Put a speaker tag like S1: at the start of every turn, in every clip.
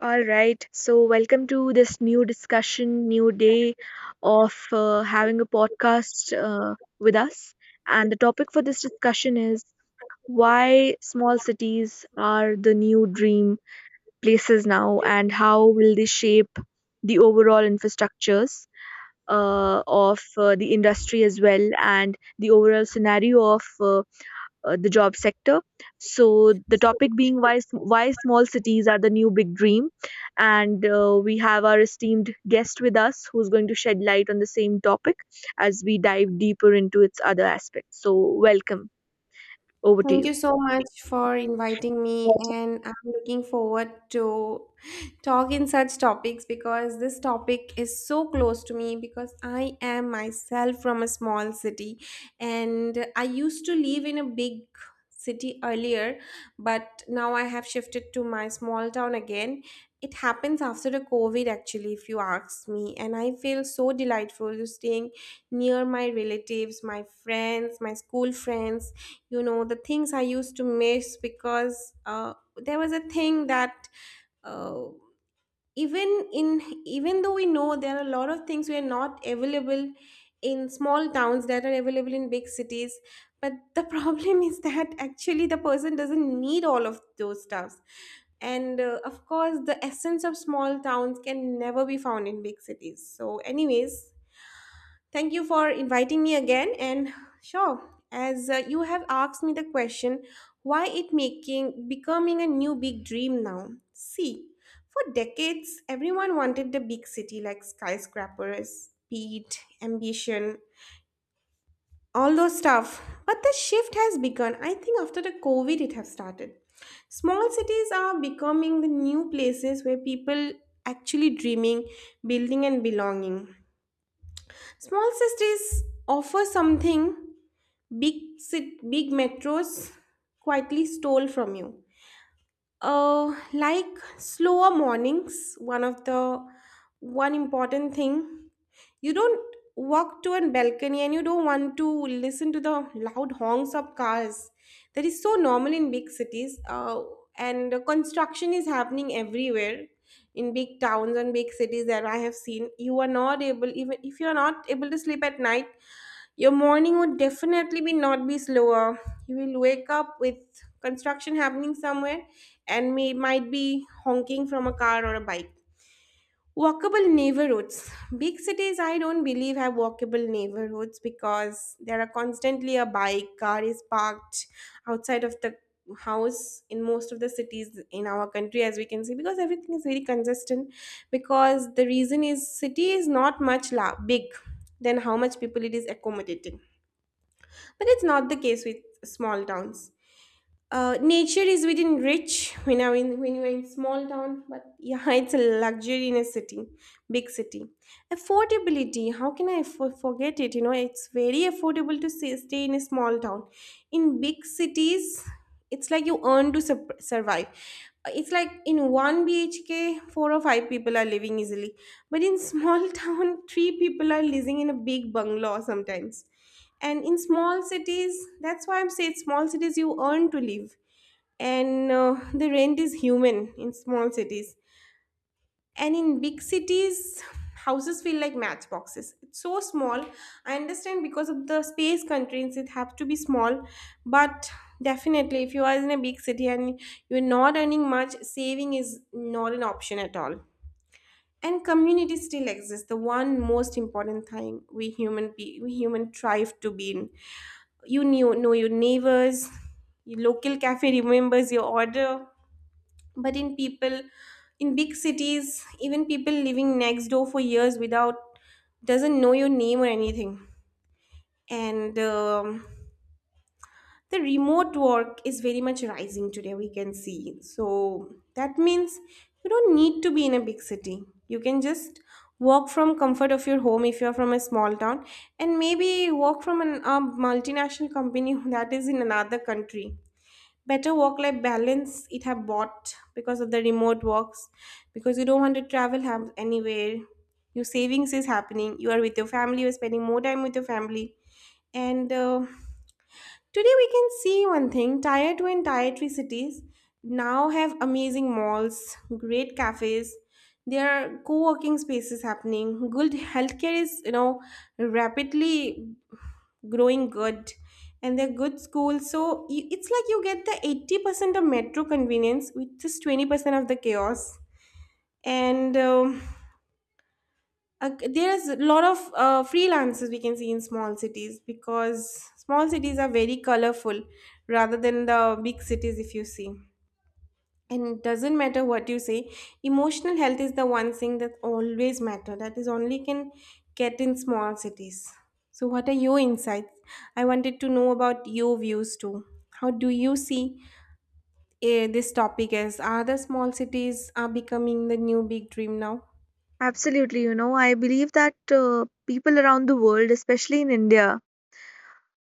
S1: All right. So, welcome to this new discussion, new day of having a podcast with us. And the topic for this discussion is why small cities are the new dream places now, and how will they shape the overall infrastructures of the industry as well, and the overall scenario of the job sector. So the topic being why small cities are the new big dream, and we have our esteemed guest with us who's going to shed light on the same topic as we dive deeper into its other aspects. So welcome over to
S2: Thank
S1: you.
S2: you so much for inviting me, and I'm looking forward to talk in such topics because this topic is so close to me because I am myself from a small city, and I used to live in a big city earlier, but now I have shifted to my small town again. It happens after the COVID, actually, if you ask me, and I feel so delightful to staying near my relatives, my friends, my school friends, the things I used to miss. Because there was a thing that uh, even in even though we know there are a lot of things we are not available in small towns that are available in big cities, but the problem is that actually the person doesn't need all of those stuffs. And of course the essence of small towns can never be found in big cities. So anyways, thank you for inviting me again. And sure, as you have asked me the question, why it making becoming a new big dream now? See, for decades, everyone wanted the big city, like skyscrapers, speed, ambition, all those stuff. But the shift has begun. I think after the COVID, it has started. Small cities are becoming the new places where people actually dreaming, building, and belonging. Small cities offer something big big metros quietly stole from you. Like slower mornings, one of the one important thing. You don't walk to a balcony and you don't want to listen to the loud honks of cars. That is so normal in big cities. And the construction is happening everywhere in big towns and big cities that I have seen. You are not able Even if you are not able to sleep at night, your morning would definitely be not be slower. You will wake up with construction happening somewhere, and may might be honking from a car or a bike. Walkable neighborhoods. Big cities, I don't believe have walkable neighborhoods because there are constantly a bike, car is parked outside of the house in most of the cities in our country, as we can see, because everything is very consistent. Because the reason is city is not much big than how much people it is accommodating. But it's not the case with small towns. Nature is within reach when, I mean, when you're in small town, but yeah, it's a luxury in a city, big city. Affordability, how can I forget it? You know, it's very affordable to stay in a small town. In big cities, it's like you earn to sup survive. It's like in one BHK, four or five people are living easily, but in small town, three people are living in a big bungalow sometimes. And in small cities, that's why I'm saying, small cities, you earn to live. And the rent is human in small cities, and in big cities, houses feel like matchboxes, it's so small. I understand because of the space constraints it have to be small, but definitely if you are in a big city and you're not earning much, saving is not an option at all. And community still exists, the one most important thing we human thrive to be in. You know your neighbors, your local cafe remembers your order. But in people, in big cities, even people living next door for years without doesn't know your name or anything. And the remote work is very much rising today, we can see, so that means you don't need to be in a big city. You can just work from comfort of your home if you're from a small town, and maybe work from an a multinational company that is in another country. Better work life balance it have bought because of the remote works, because you don't want to travel anywhere. Your savings is happening, you are with your family, you're spending more time with your family. And today we can see one thing, tier 2 and tier 3 cities now have amazing malls, great cafes, there are co-working spaces happening, good healthcare is, you know, rapidly growing good, and they're good schools. So it's like you get the 80% of metro convenience with just 20% of the chaos. And there's a lot of freelancers we can see in small cities because small cities are very colorful rather than the big cities, if you see. And it doesn't matter what you say, emotional health is the one thing that always matter, that is only can get in small cities. So what are your insights? I wanted to know about your views too. How do you see this topic, as are the small cities are becoming the new big dream now?
S1: Absolutely, you know, I believe that people around the world, especially in India,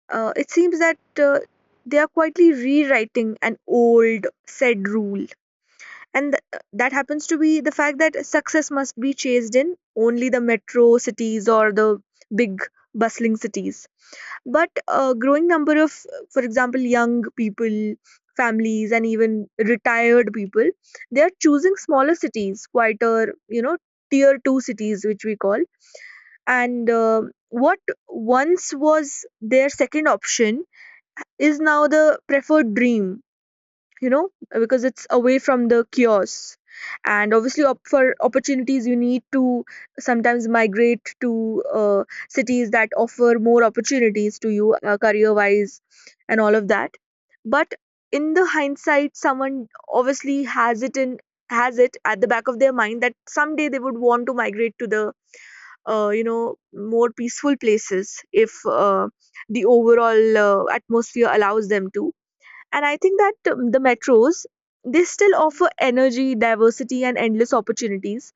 S1: it seems that they are quietly rewriting an old said rule, and that happens to be the fact that success must be chased in only the metro cities or the big bustling cities. But a growing number of, for example, young people, families, and even retired people, they are choosing smaller cities, quieter, you know, tier 2 cities, which we call. And what once was their second option is now the preferred dream, you know, because it's away from the chaos. And obviously, up for opportunities, you need to sometimes migrate to cities that offer more opportunities to you, career wise, and all of that. But in the hindsight, someone obviously has it at the back of their mind that someday they would want to migrate to the, you know, more peaceful places if the overall atmosphere allows them to. And I think that, the metros, they still offer energy, diversity, and endless opportunities.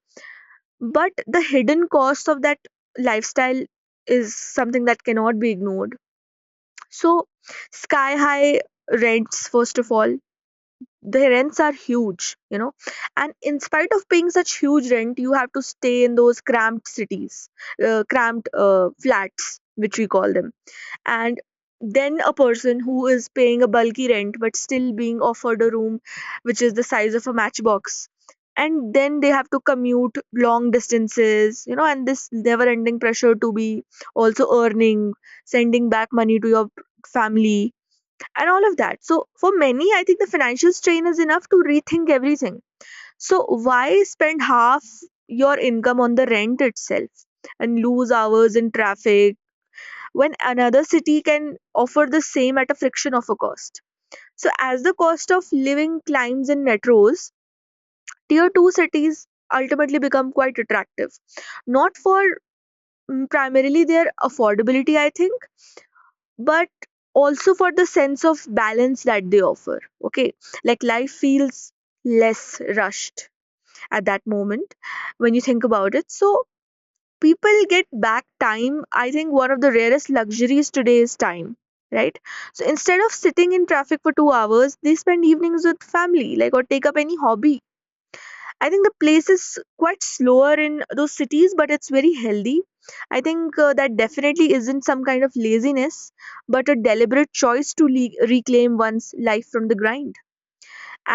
S1: But the hidden cost of that lifestyle is something that cannot be ignored. So, sky high rents, first of all, the rents are huge, you know. And in spite of paying such huge rent, you have to stay in those cramped cities, cramped flats, which we call them. And then a person who is paying a bulky rent but still being offered a room which is the size of a matchbox, and then they have to commute long distances, you know, and this never ending pressure to be also earning, sending back money to your family, and all of that. So for many, I think the financial strain is enough to rethink everything. So why spend half your income on the rent itself and lose hours in traffic when another city can offer the same at a fraction of a cost? So, as the cost of living climbs in metros, tier 2 cities ultimately become quite attractive. Not for, primarily their affordability, I think, but also for the sense of balance that they offer. Okay, like life feels less rushed at that moment when you think about it. So, people get back time. I think one of the rarest luxuries today is time, right? So instead of sitting in traffic for 2 hours, they spend evenings with family, like, or take up any hobby. I think the pace is quite slower in those cities, but it's very healthy. I think that definitely isn't some kind of laziness, but a deliberate choice to reclaim one's life from the grind.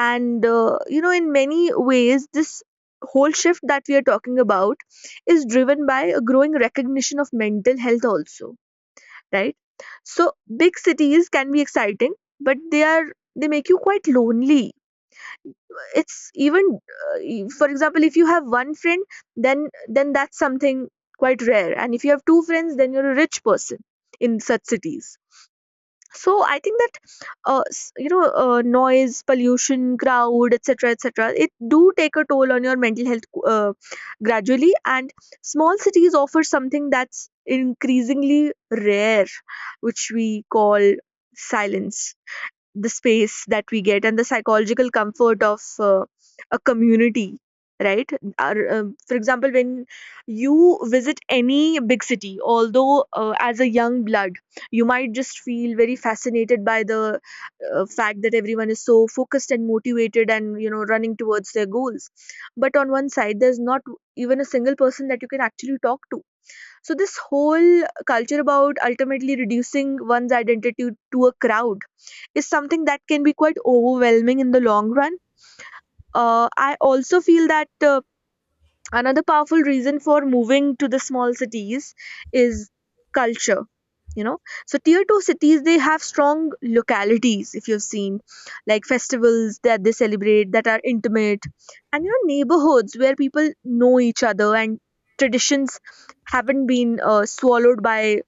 S1: And you know, in many ways this whole shift that we are talking about is driven by a growing recognition of mental health also, right? So big cities can be exciting, but they make you quite lonely. It's even, for example, if you have one friend, then that's something quite rare, and if you have two friends, then you're a rich person in such cities. So I think that you know, noise pollution, crowd, etc., etc., it do take a toll on your mental health, uh, gradually. And small cities offer something that's increasingly rare, which we call silence, the space that we get, and the psychological comfort of a community, right? For example, when you visit any big city, although, as a young blood, you might just feel very fascinated by the fact that everyone is so focused and motivated and, you know, running towards their goals, but on one side there's not even a single person that you can actually talk to. So this whole culture about ultimately reducing one's identity to a crowd is something that can be quite overwhelming in the long run. I also feel that uh, another powerful reason for moving to the small cities is culture. You know, so tier two cities, they have strong localities. If you've seen, like festivals that they celebrate that are intimate, and you know neighborhoods where people know each other, and traditions haven't been swallowed by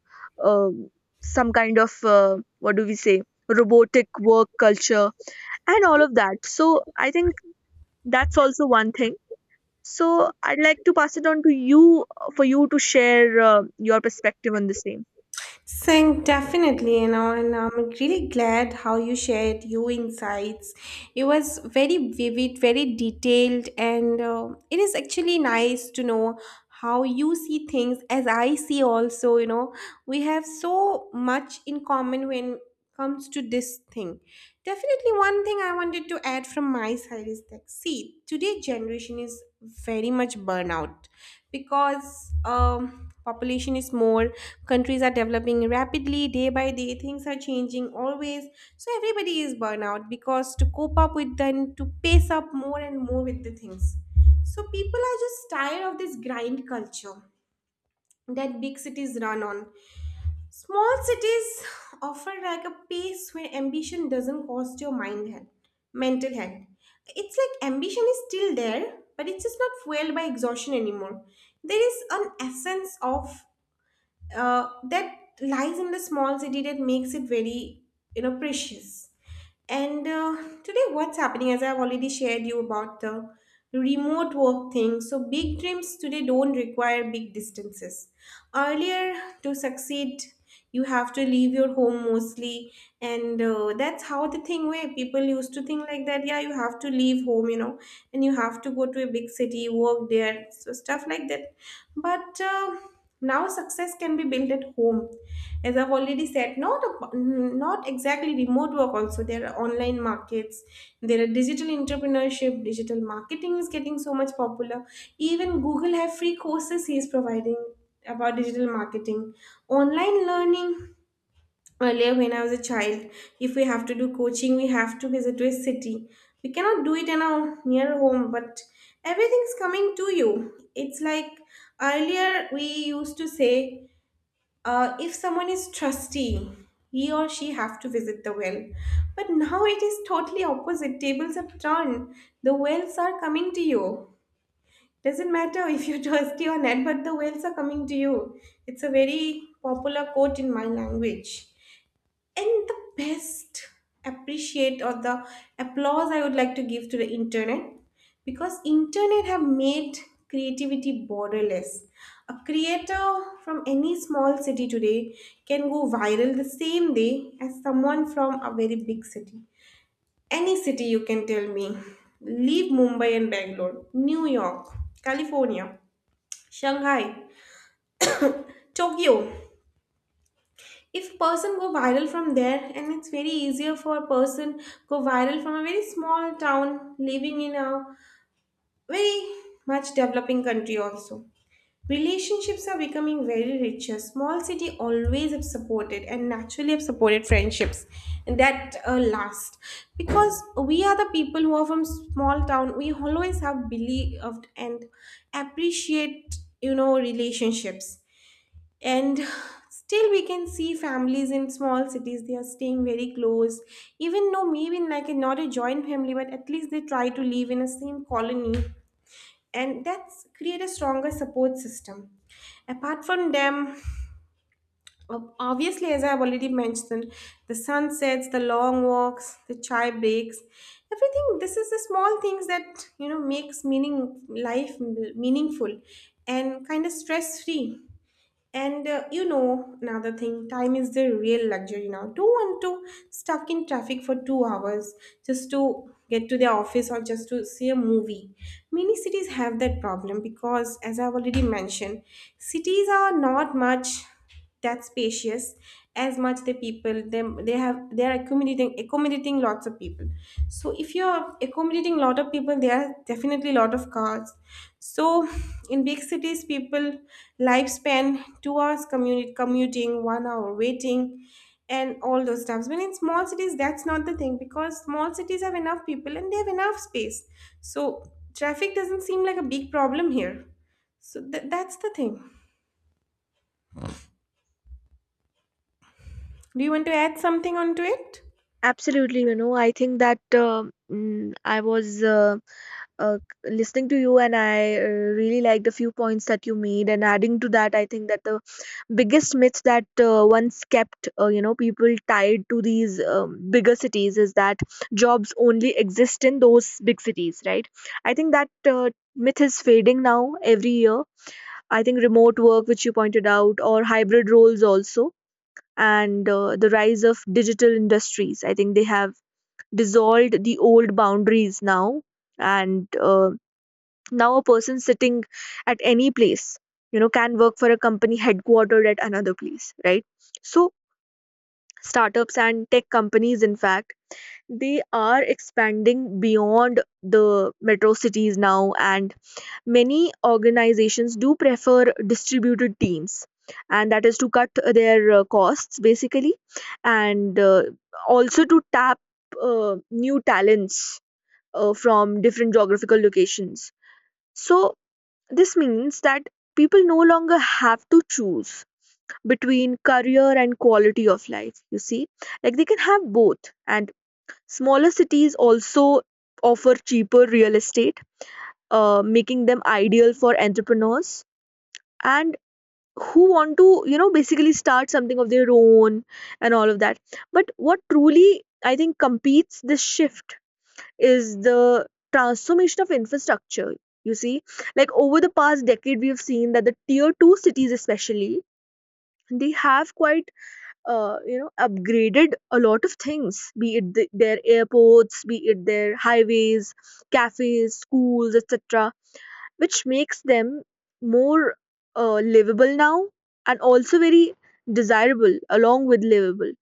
S1: um some kind of, what do we say, robotic work culture and all of that. So I think that's also one thing. So I'd like to pass it on to you for you to share your perspective on the same.
S2: Saying definitely, and I'm really glad how you shared your insights. It was very vivid, very detailed, and it is actually nice to know how you see things as I see also. We have so much in common when comes to this thing. Definitely, one thing I wanted to add from my side is that, see, today generation is very much burnout because population is more, countries are developing rapidly day by day, things are changing always, so everybody is burnout because to cope up with then to pace up more and more with the things. So people are just tired of this grind culture that big cities run on. Small cities offer like a pace where ambition doesn't cost your mind health, mental health. It's like ambition is still there, but it's just not fueled by exhaustion anymore. There is an essence of that lies in the small city that makes it very, precious. And today, what's happening, as I've already shared you about the remote work thing. So big dreams today don't require big distances. Earlier, to succeed, you have to leave your home mostly. And that's how the thing way people used to think, like that. Yeah, you have to leave home, and you have to go to a big city, work there, so stuff like that. But now, success can be built at home, as I've already said. Not not exactly remote work. Also, there are online markets, there are digital entrepreneurship, digital marketing is getting so much popular. Even Google have free courses he is providing about digital marketing, online learning. Earlier, when I was a child, if we have to do coaching, we have to visit to a city. We cannot do it in our near home, but everything is coming to you. It's like earlier we used to say, if someone is trustee, he or she have to visit the well. But now it is totally opposite. Tables have turned. The wells are coming to you. Doesn't matter if you're trustee or not, but the wells are coming to you. It's a very popular quote in my language. And the best appreciate or the applause I would like to give to the internet, because internet have made creativity borderless. A creator from any small city today can go viral the same day as someone from a very big city. Any city you can tell me. Leave Mumbai and Bangalore, New York, California, Shanghai, Tokyo. If person go viral from there, and it's very easier for a person go viral from a very small town living in a very much developing country also. Relationships are becoming very richer, small city always have supported and naturally have supported friendships that last, because we are the people who are from small town, we always have believed and appreciate, you know, relationships. And still we can see families in small cities, they are staying very close, even though maybe in like a, not a joint family, but at least they try to live in a same colony, and that's create a stronger support system. Apart from them, obviously, as I've already mentioned, the sunsets, the long walks, the chai breaks, everything, this is the small things that, you know, makes meaning life meaningful and kind of stress free. And you know, another thing, time is the real luxury now. Don't want to stuck in traffic for 2 hours just to get to their office or just to see a movie. Many cities have that problem because, as I've already mentioned, cities are not much that's spacious as much the people them they have they are accommodating lots of people. So if you're accommodating lot of people there are definitely lot of cars. So in big cities people lifespan 2 hours commute, commuting 1 hour waiting and all those stuffs, but in small cities that's not the thing because small cities have enough people and they have enough space. So traffic doesn't seem like a big problem here. So that's the thing. Do you want to add something onto it?
S1: Absolutely, you know, I think that I was uh, listening to you, and I really like the few points that you made. And adding to that, I think that the biggest myth that once kept you know, people tied to these, bigger cities is that jobs only exist in those big cities, right? I think that myth is fading now every year. I think remote work, which you pointed out, or hybrid roles also, and the rise of digital industries, I think they have dissolved the old boundaries now. And now, a person sitting at any place, you know, can work for a company headquartered at another place, right? So, startups and tech companies, in fact, they are expanding beyond the metro cities now, and many organizations do prefer distributed teams, and that is to cut their costs basically, and also to tap new talents from different geographical locations. So, this means that people no longer have to choose between career and quality of life, you see. Like they can have both. And smaller cities also offer cheaper real estate, making them ideal for entrepreneurs and who want to, you know, basically start something of their own and all of that. But what truly, I think, competes this shift is the transformation of infrastructure. You see, like over the past decade, we have seen that the tier two cities, especially, they have quite you know, upgraded a lot of things. Be it their airports, be it their highways, cafes, schools, etc., which makes them more livable now, and also very desirable along with livable.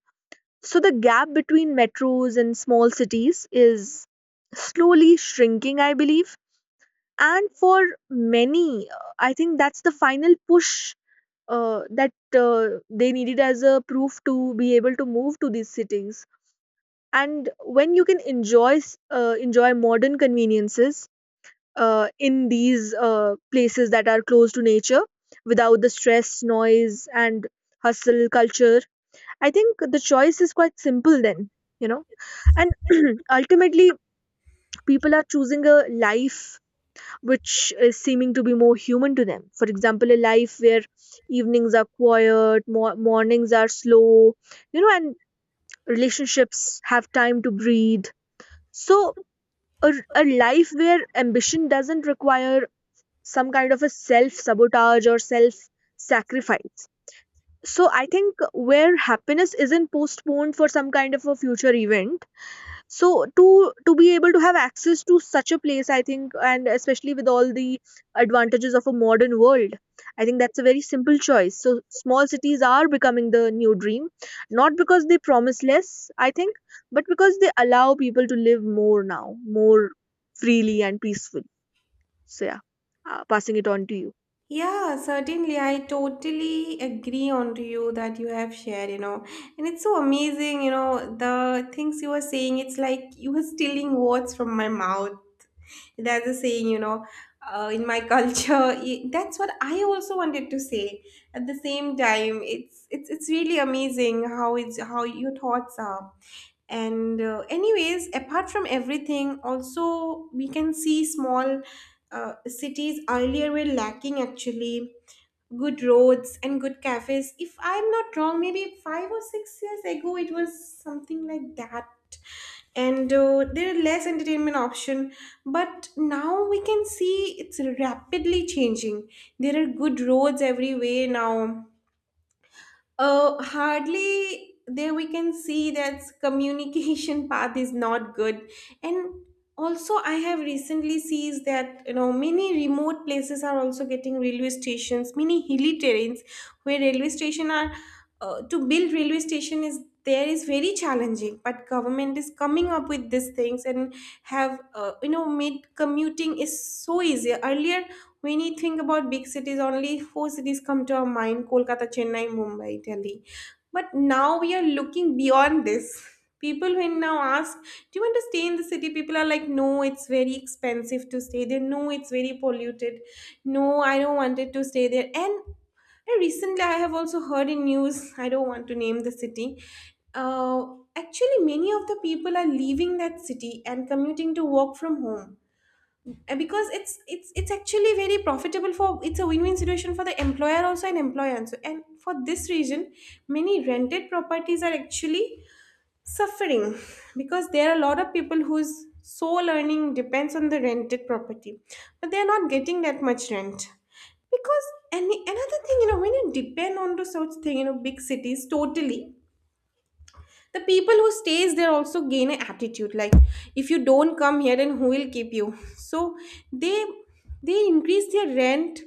S1: So the gap between metros and small cities is slowly shrinking, I believe. And for many, I think that's the final push that they needed as a proof to be able to move to these cities. And when you can enjoy, enjoy modern conveniences in these places that are close to nature, without the stress, noise, and hustle culture, I think the choice is quite simple. Then, you know, and ultimately people are choosing a life which is seeming to be more human to them. For example, a life where evenings are quiet, mornings are slow, you know, and relationships have time to breathe. So a, a life where ambition doesn't require some kind of a self sabotage or self sacrifice. So I think, where happiness isn't postponed for some kind of a future event. So to be able to have access to such a place, I think, and especially with all the advantages of a modern world, I think that's a very simple choice. So small cities are becoming the new dream, not because they promise less, I think, but because they allow people to live more now, more freely and peacefully. So yeah, passing it on to you.
S2: Yeah, certainly. I totally agree on to you that you have shared, you know. And it's so amazing, you know, the things you were saying, it's like you were stealing words from my mouth. There's a saying, you know, in my culture, that's what I also wanted to say. At the same time, it's really amazing how it's how your thoughts are. And anyways, apart from everything, also we can see small cities earlier were lacking actually good roads and good cafes. If I'm not wrong, maybe five or six years ago, it was something like that. And there are less entertainment option, but now we can see it's rapidly changing. There are good roads everywhere now. Hardly there we can see that communication path is not good. And also I have recently sees that you know many remote places are also getting railway stations, many hilly terrains where railway station are to build railway station is there is very challenging, but government is coming up with these things and have you know made commuting is so easier. Earlier when you think about big cities, only four cities come to our mind: Kolkata, Chennai, Mumbai, Delhi. But now we are looking beyond this. People when now ask, do you want to stay in the city? People are like, no, it's very expensive to stay there. No, it's very polluted. No, I don't want it to stay there. And recently I have also heard in news, I don't want to name the city, uh, actually many of the people are leaving that city and commuting to work from home. And because it's actually very profitable for it's a win-win situation for the employer also and employee also. And for this reason, many rented properties are actually suffering because there are a lot of people whose sole earning depends on the rented property, but they are not getting that much rent because any another thing you know when you depend on to such thing you know big cities totally the people who stays there also gain an attitude like if you don't come here then who will keep you. So they they increase their rent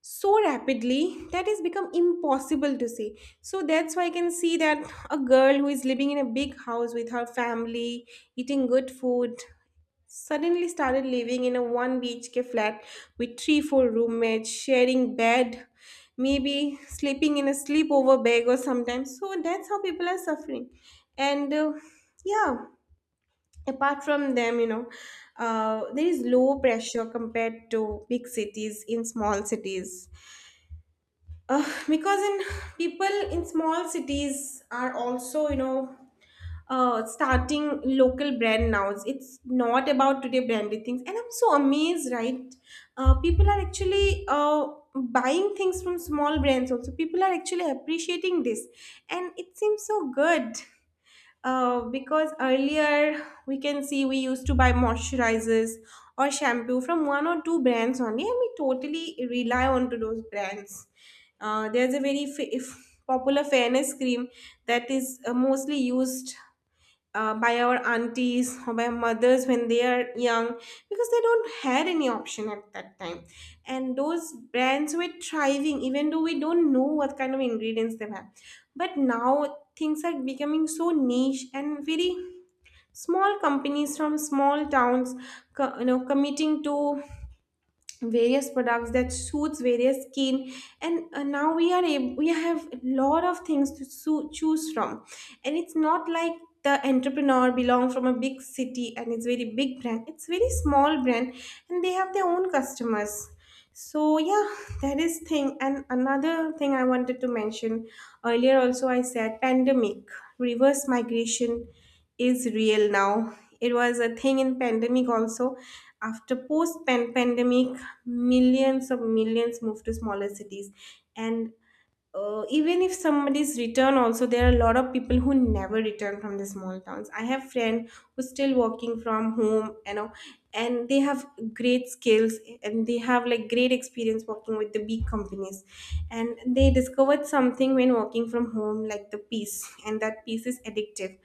S2: so rapidly that has become impossible to say. So that's why I can see that a girl who is living in a big house with her family eating good food suddenly started living in a one BHK flat with three, four roommates, sharing bed, maybe sleeping in a sleepover bag or sometimes. So that's how people are suffering. And yeah, apart from them, you know, there is low pressure compared to big cities in small cities. Because in people in small cities are also, you know, starting local brand now. It's not about today branded things, and I'm so amazed, right? People are actually buying things from small brands also. People are actually appreciating this, and it seems so good because earlier we can see we used to buy moisturizers or shampoo from one or two brands only and we totally rely on to those brands. There's a very fa- if popular fairness cream that is mostly used by our aunties or by mothers when they are young because they don't had any option at that time, and those brands were thriving even though we don't know what kind of ingredients they have. But now things are becoming so niche, and very small companies from small towns you know committing to various products that suits various skin. And now we are able, we have a lot of things to choose from. And it's not like the entrepreneur belong from a big city and it's very big brand, it's very small brand, and they have their own customers. So yeah, that is thing. And another thing I wanted to mention, earlier also I said pandemic reverse migration is real now. It was a thing in pandemic also. After post pandemic millions of millions move to smaller cities. And even if somebody's return also, there are a lot of people who never return from the small towns. I have friend who's still working from home, you know, and they have great skills, and they have like great experience working with the big companies. And they discovered something when working from home like the peace, and that peace is addictive.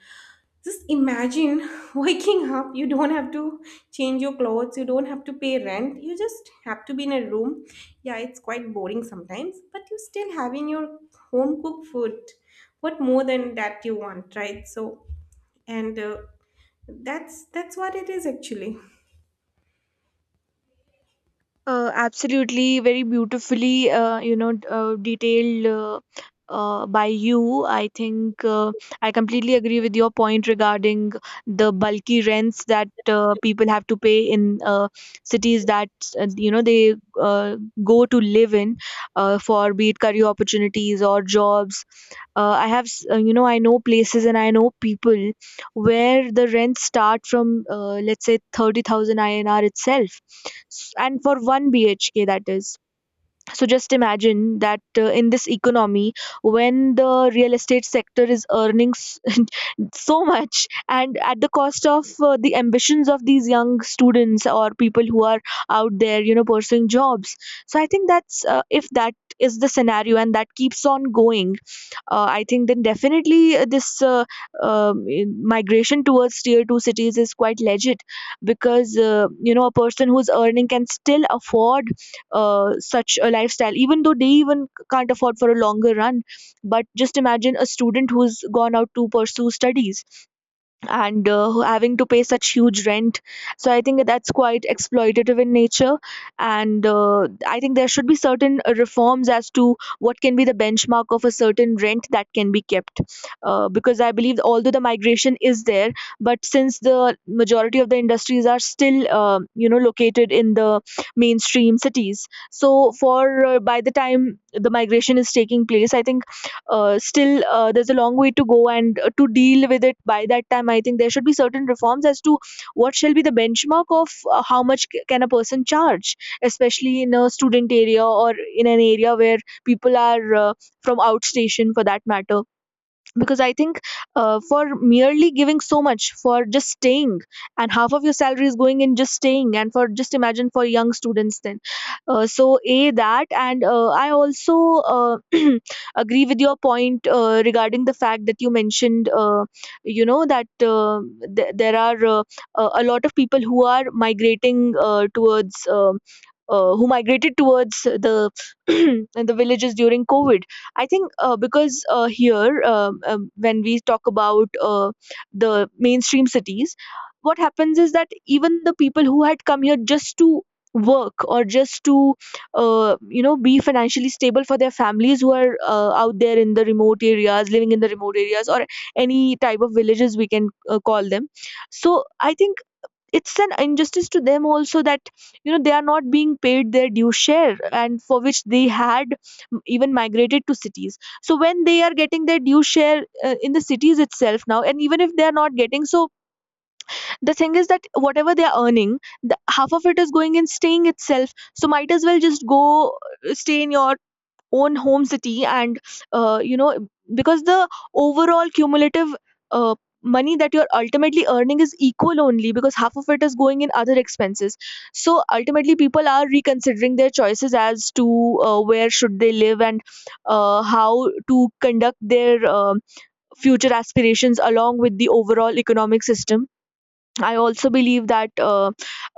S2: Just imagine waking up, you don't have to change your clothes, you don't have to pay rent, you just have to be in a room. Yeah, it's quite boring sometimes, but you still having your home cooked food. What more than that you want, right? So, and that's what it is actually.
S1: Absolutely, very beautifully, you know, detailed by you. I think I completely agree with your point regarding the bulky rents that people have to pay in cities that you know they uh, go to live in for, be it career opportunities or jobs. I have, I know places and I know people where the rents start from let's say 30,000 INR itself. And for 1 BHK, that is, so just imagine that, in this economy when the real estate sector is earning so much, and at the cost of the ambitions of these young students or people who are out there, you know, pursuing jobs. So I think that's if that is the scenario and that keeps on going, I think then definitely, migration towards tier 2 cities is quite legit, because you know, a person who's earning can still afford such a lifestyle, even though they even can't afford for a longer run. But just imagine a student who's gone out to pursue studies and having to pay such huge rent. So I think that's quite exploitative in nature. And I think there should be certain reforms as to what can be the benchmark of a certain rent that can be kept. Because I believe, although the migration is there, but since the majority of the industries are still, located in the mainstream cities, so for by the time the migration is taking place, I think still there's a long way to go, and to deal with it by that time, I think there should be certain reforms as to what shall be the benchmark of how much can a person charge, especially in a student area or in an area where people are from outstation, for that matter. Because I think for merely giving so much for just staying, and half of your salary is going in just staying, and for just imagine for young students then, so a that. And I also uh, agree with your point regarding the fact that you mentioned, you know that there are, a lot of people who are migrating towards who migrated towards the the villages during COVID. I think because here, when we talk about the mainstream cities, what happens is that even the people who had come here just to work or just to be financially stable for their families, who are out there in the remote areas, living in the remote areas, or any type of villages, we can call them. So I think it's an injustice to them also, that you know they are not being paid their due share, and for which they had even migrated to cities. So when they are getting their due share in the cities itself now, and even if they are not getting, so the thing is that whatever they are earning, half of it is going in staying itself, so might as well just go stay in your own home city, and uh, you know because the overall cumulative uh, money that you're ultimately earning is equal only because half of it is going in other expenses. So ultimately people are reconsidering their choices as to where should they live, and how to conduct their future aspirations along with the overall economic system. I also believe that, uh,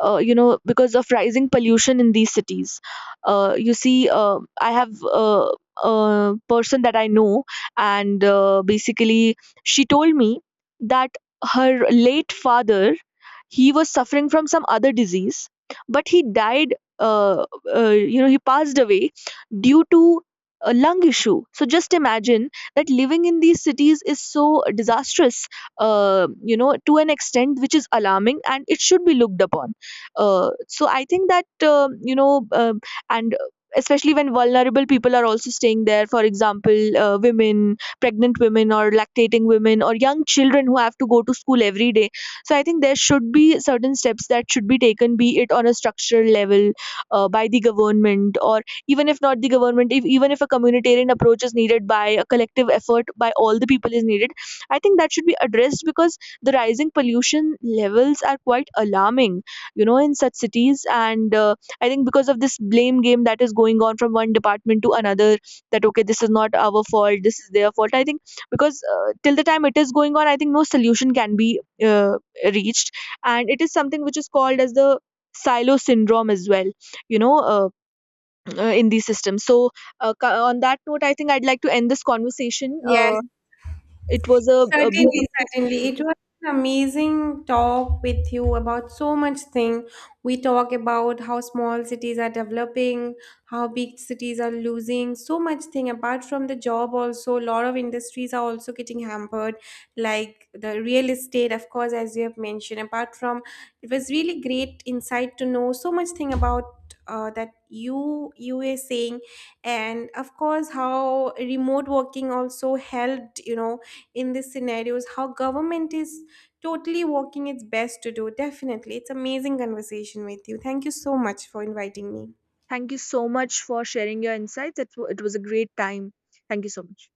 S1: uh, you know because of rising pollution in these cities, you see, I have a person that I know, and basically she told me that her late father, he was suffering from some other disease, but he died. He passed away due to a lung issue. So just imagine that living in these cities is so disastrous, to an extent which is alarming and it should be looked upon. So I think that you know and especially when vulnerable people are also staying there, for example women, pregnant women, or lactating women, or young children who have to go to school every day. So I think there should be certain steps that should be taken, be it on a structural level by the government, or even if not the government, if even if a communitarian approach is needed, by a collective effort by all the people is needed. I think that should be addressed, because the rising pollution levels are quite alarming, you know, in such cities. And I think because of this blame game that is going on from one department to another, that okay, this is not our fault, this is their fault. I think because till the time it is going on, I think no solution can be reached. And it is something which is called as the silo syndrome as well, you know, in these systems. So, on that note, I think I'd like to end this conversation.
S2: Yeah,
S1: It was a
S2: certainly,
S1: beautiful.
S2: certainly. It was an amazing talk with you about so much thing. We talk about how small cities are developing, how big cities are losing, so much thing. Apart from the job also, a lot of industries are also getting hampered, like the real estate, of course, as you have mentioned. Apart from, it was really great insight to know so much thing about that you were saying, and of course how remote working also helped, you know, in these scenarios, how government is totally working its best to do. Definitely it's amazing conversation with you. Thank you so much for inviting me.
S1: Thank you so much for sharing your insights. It was a great time. Thank you so much.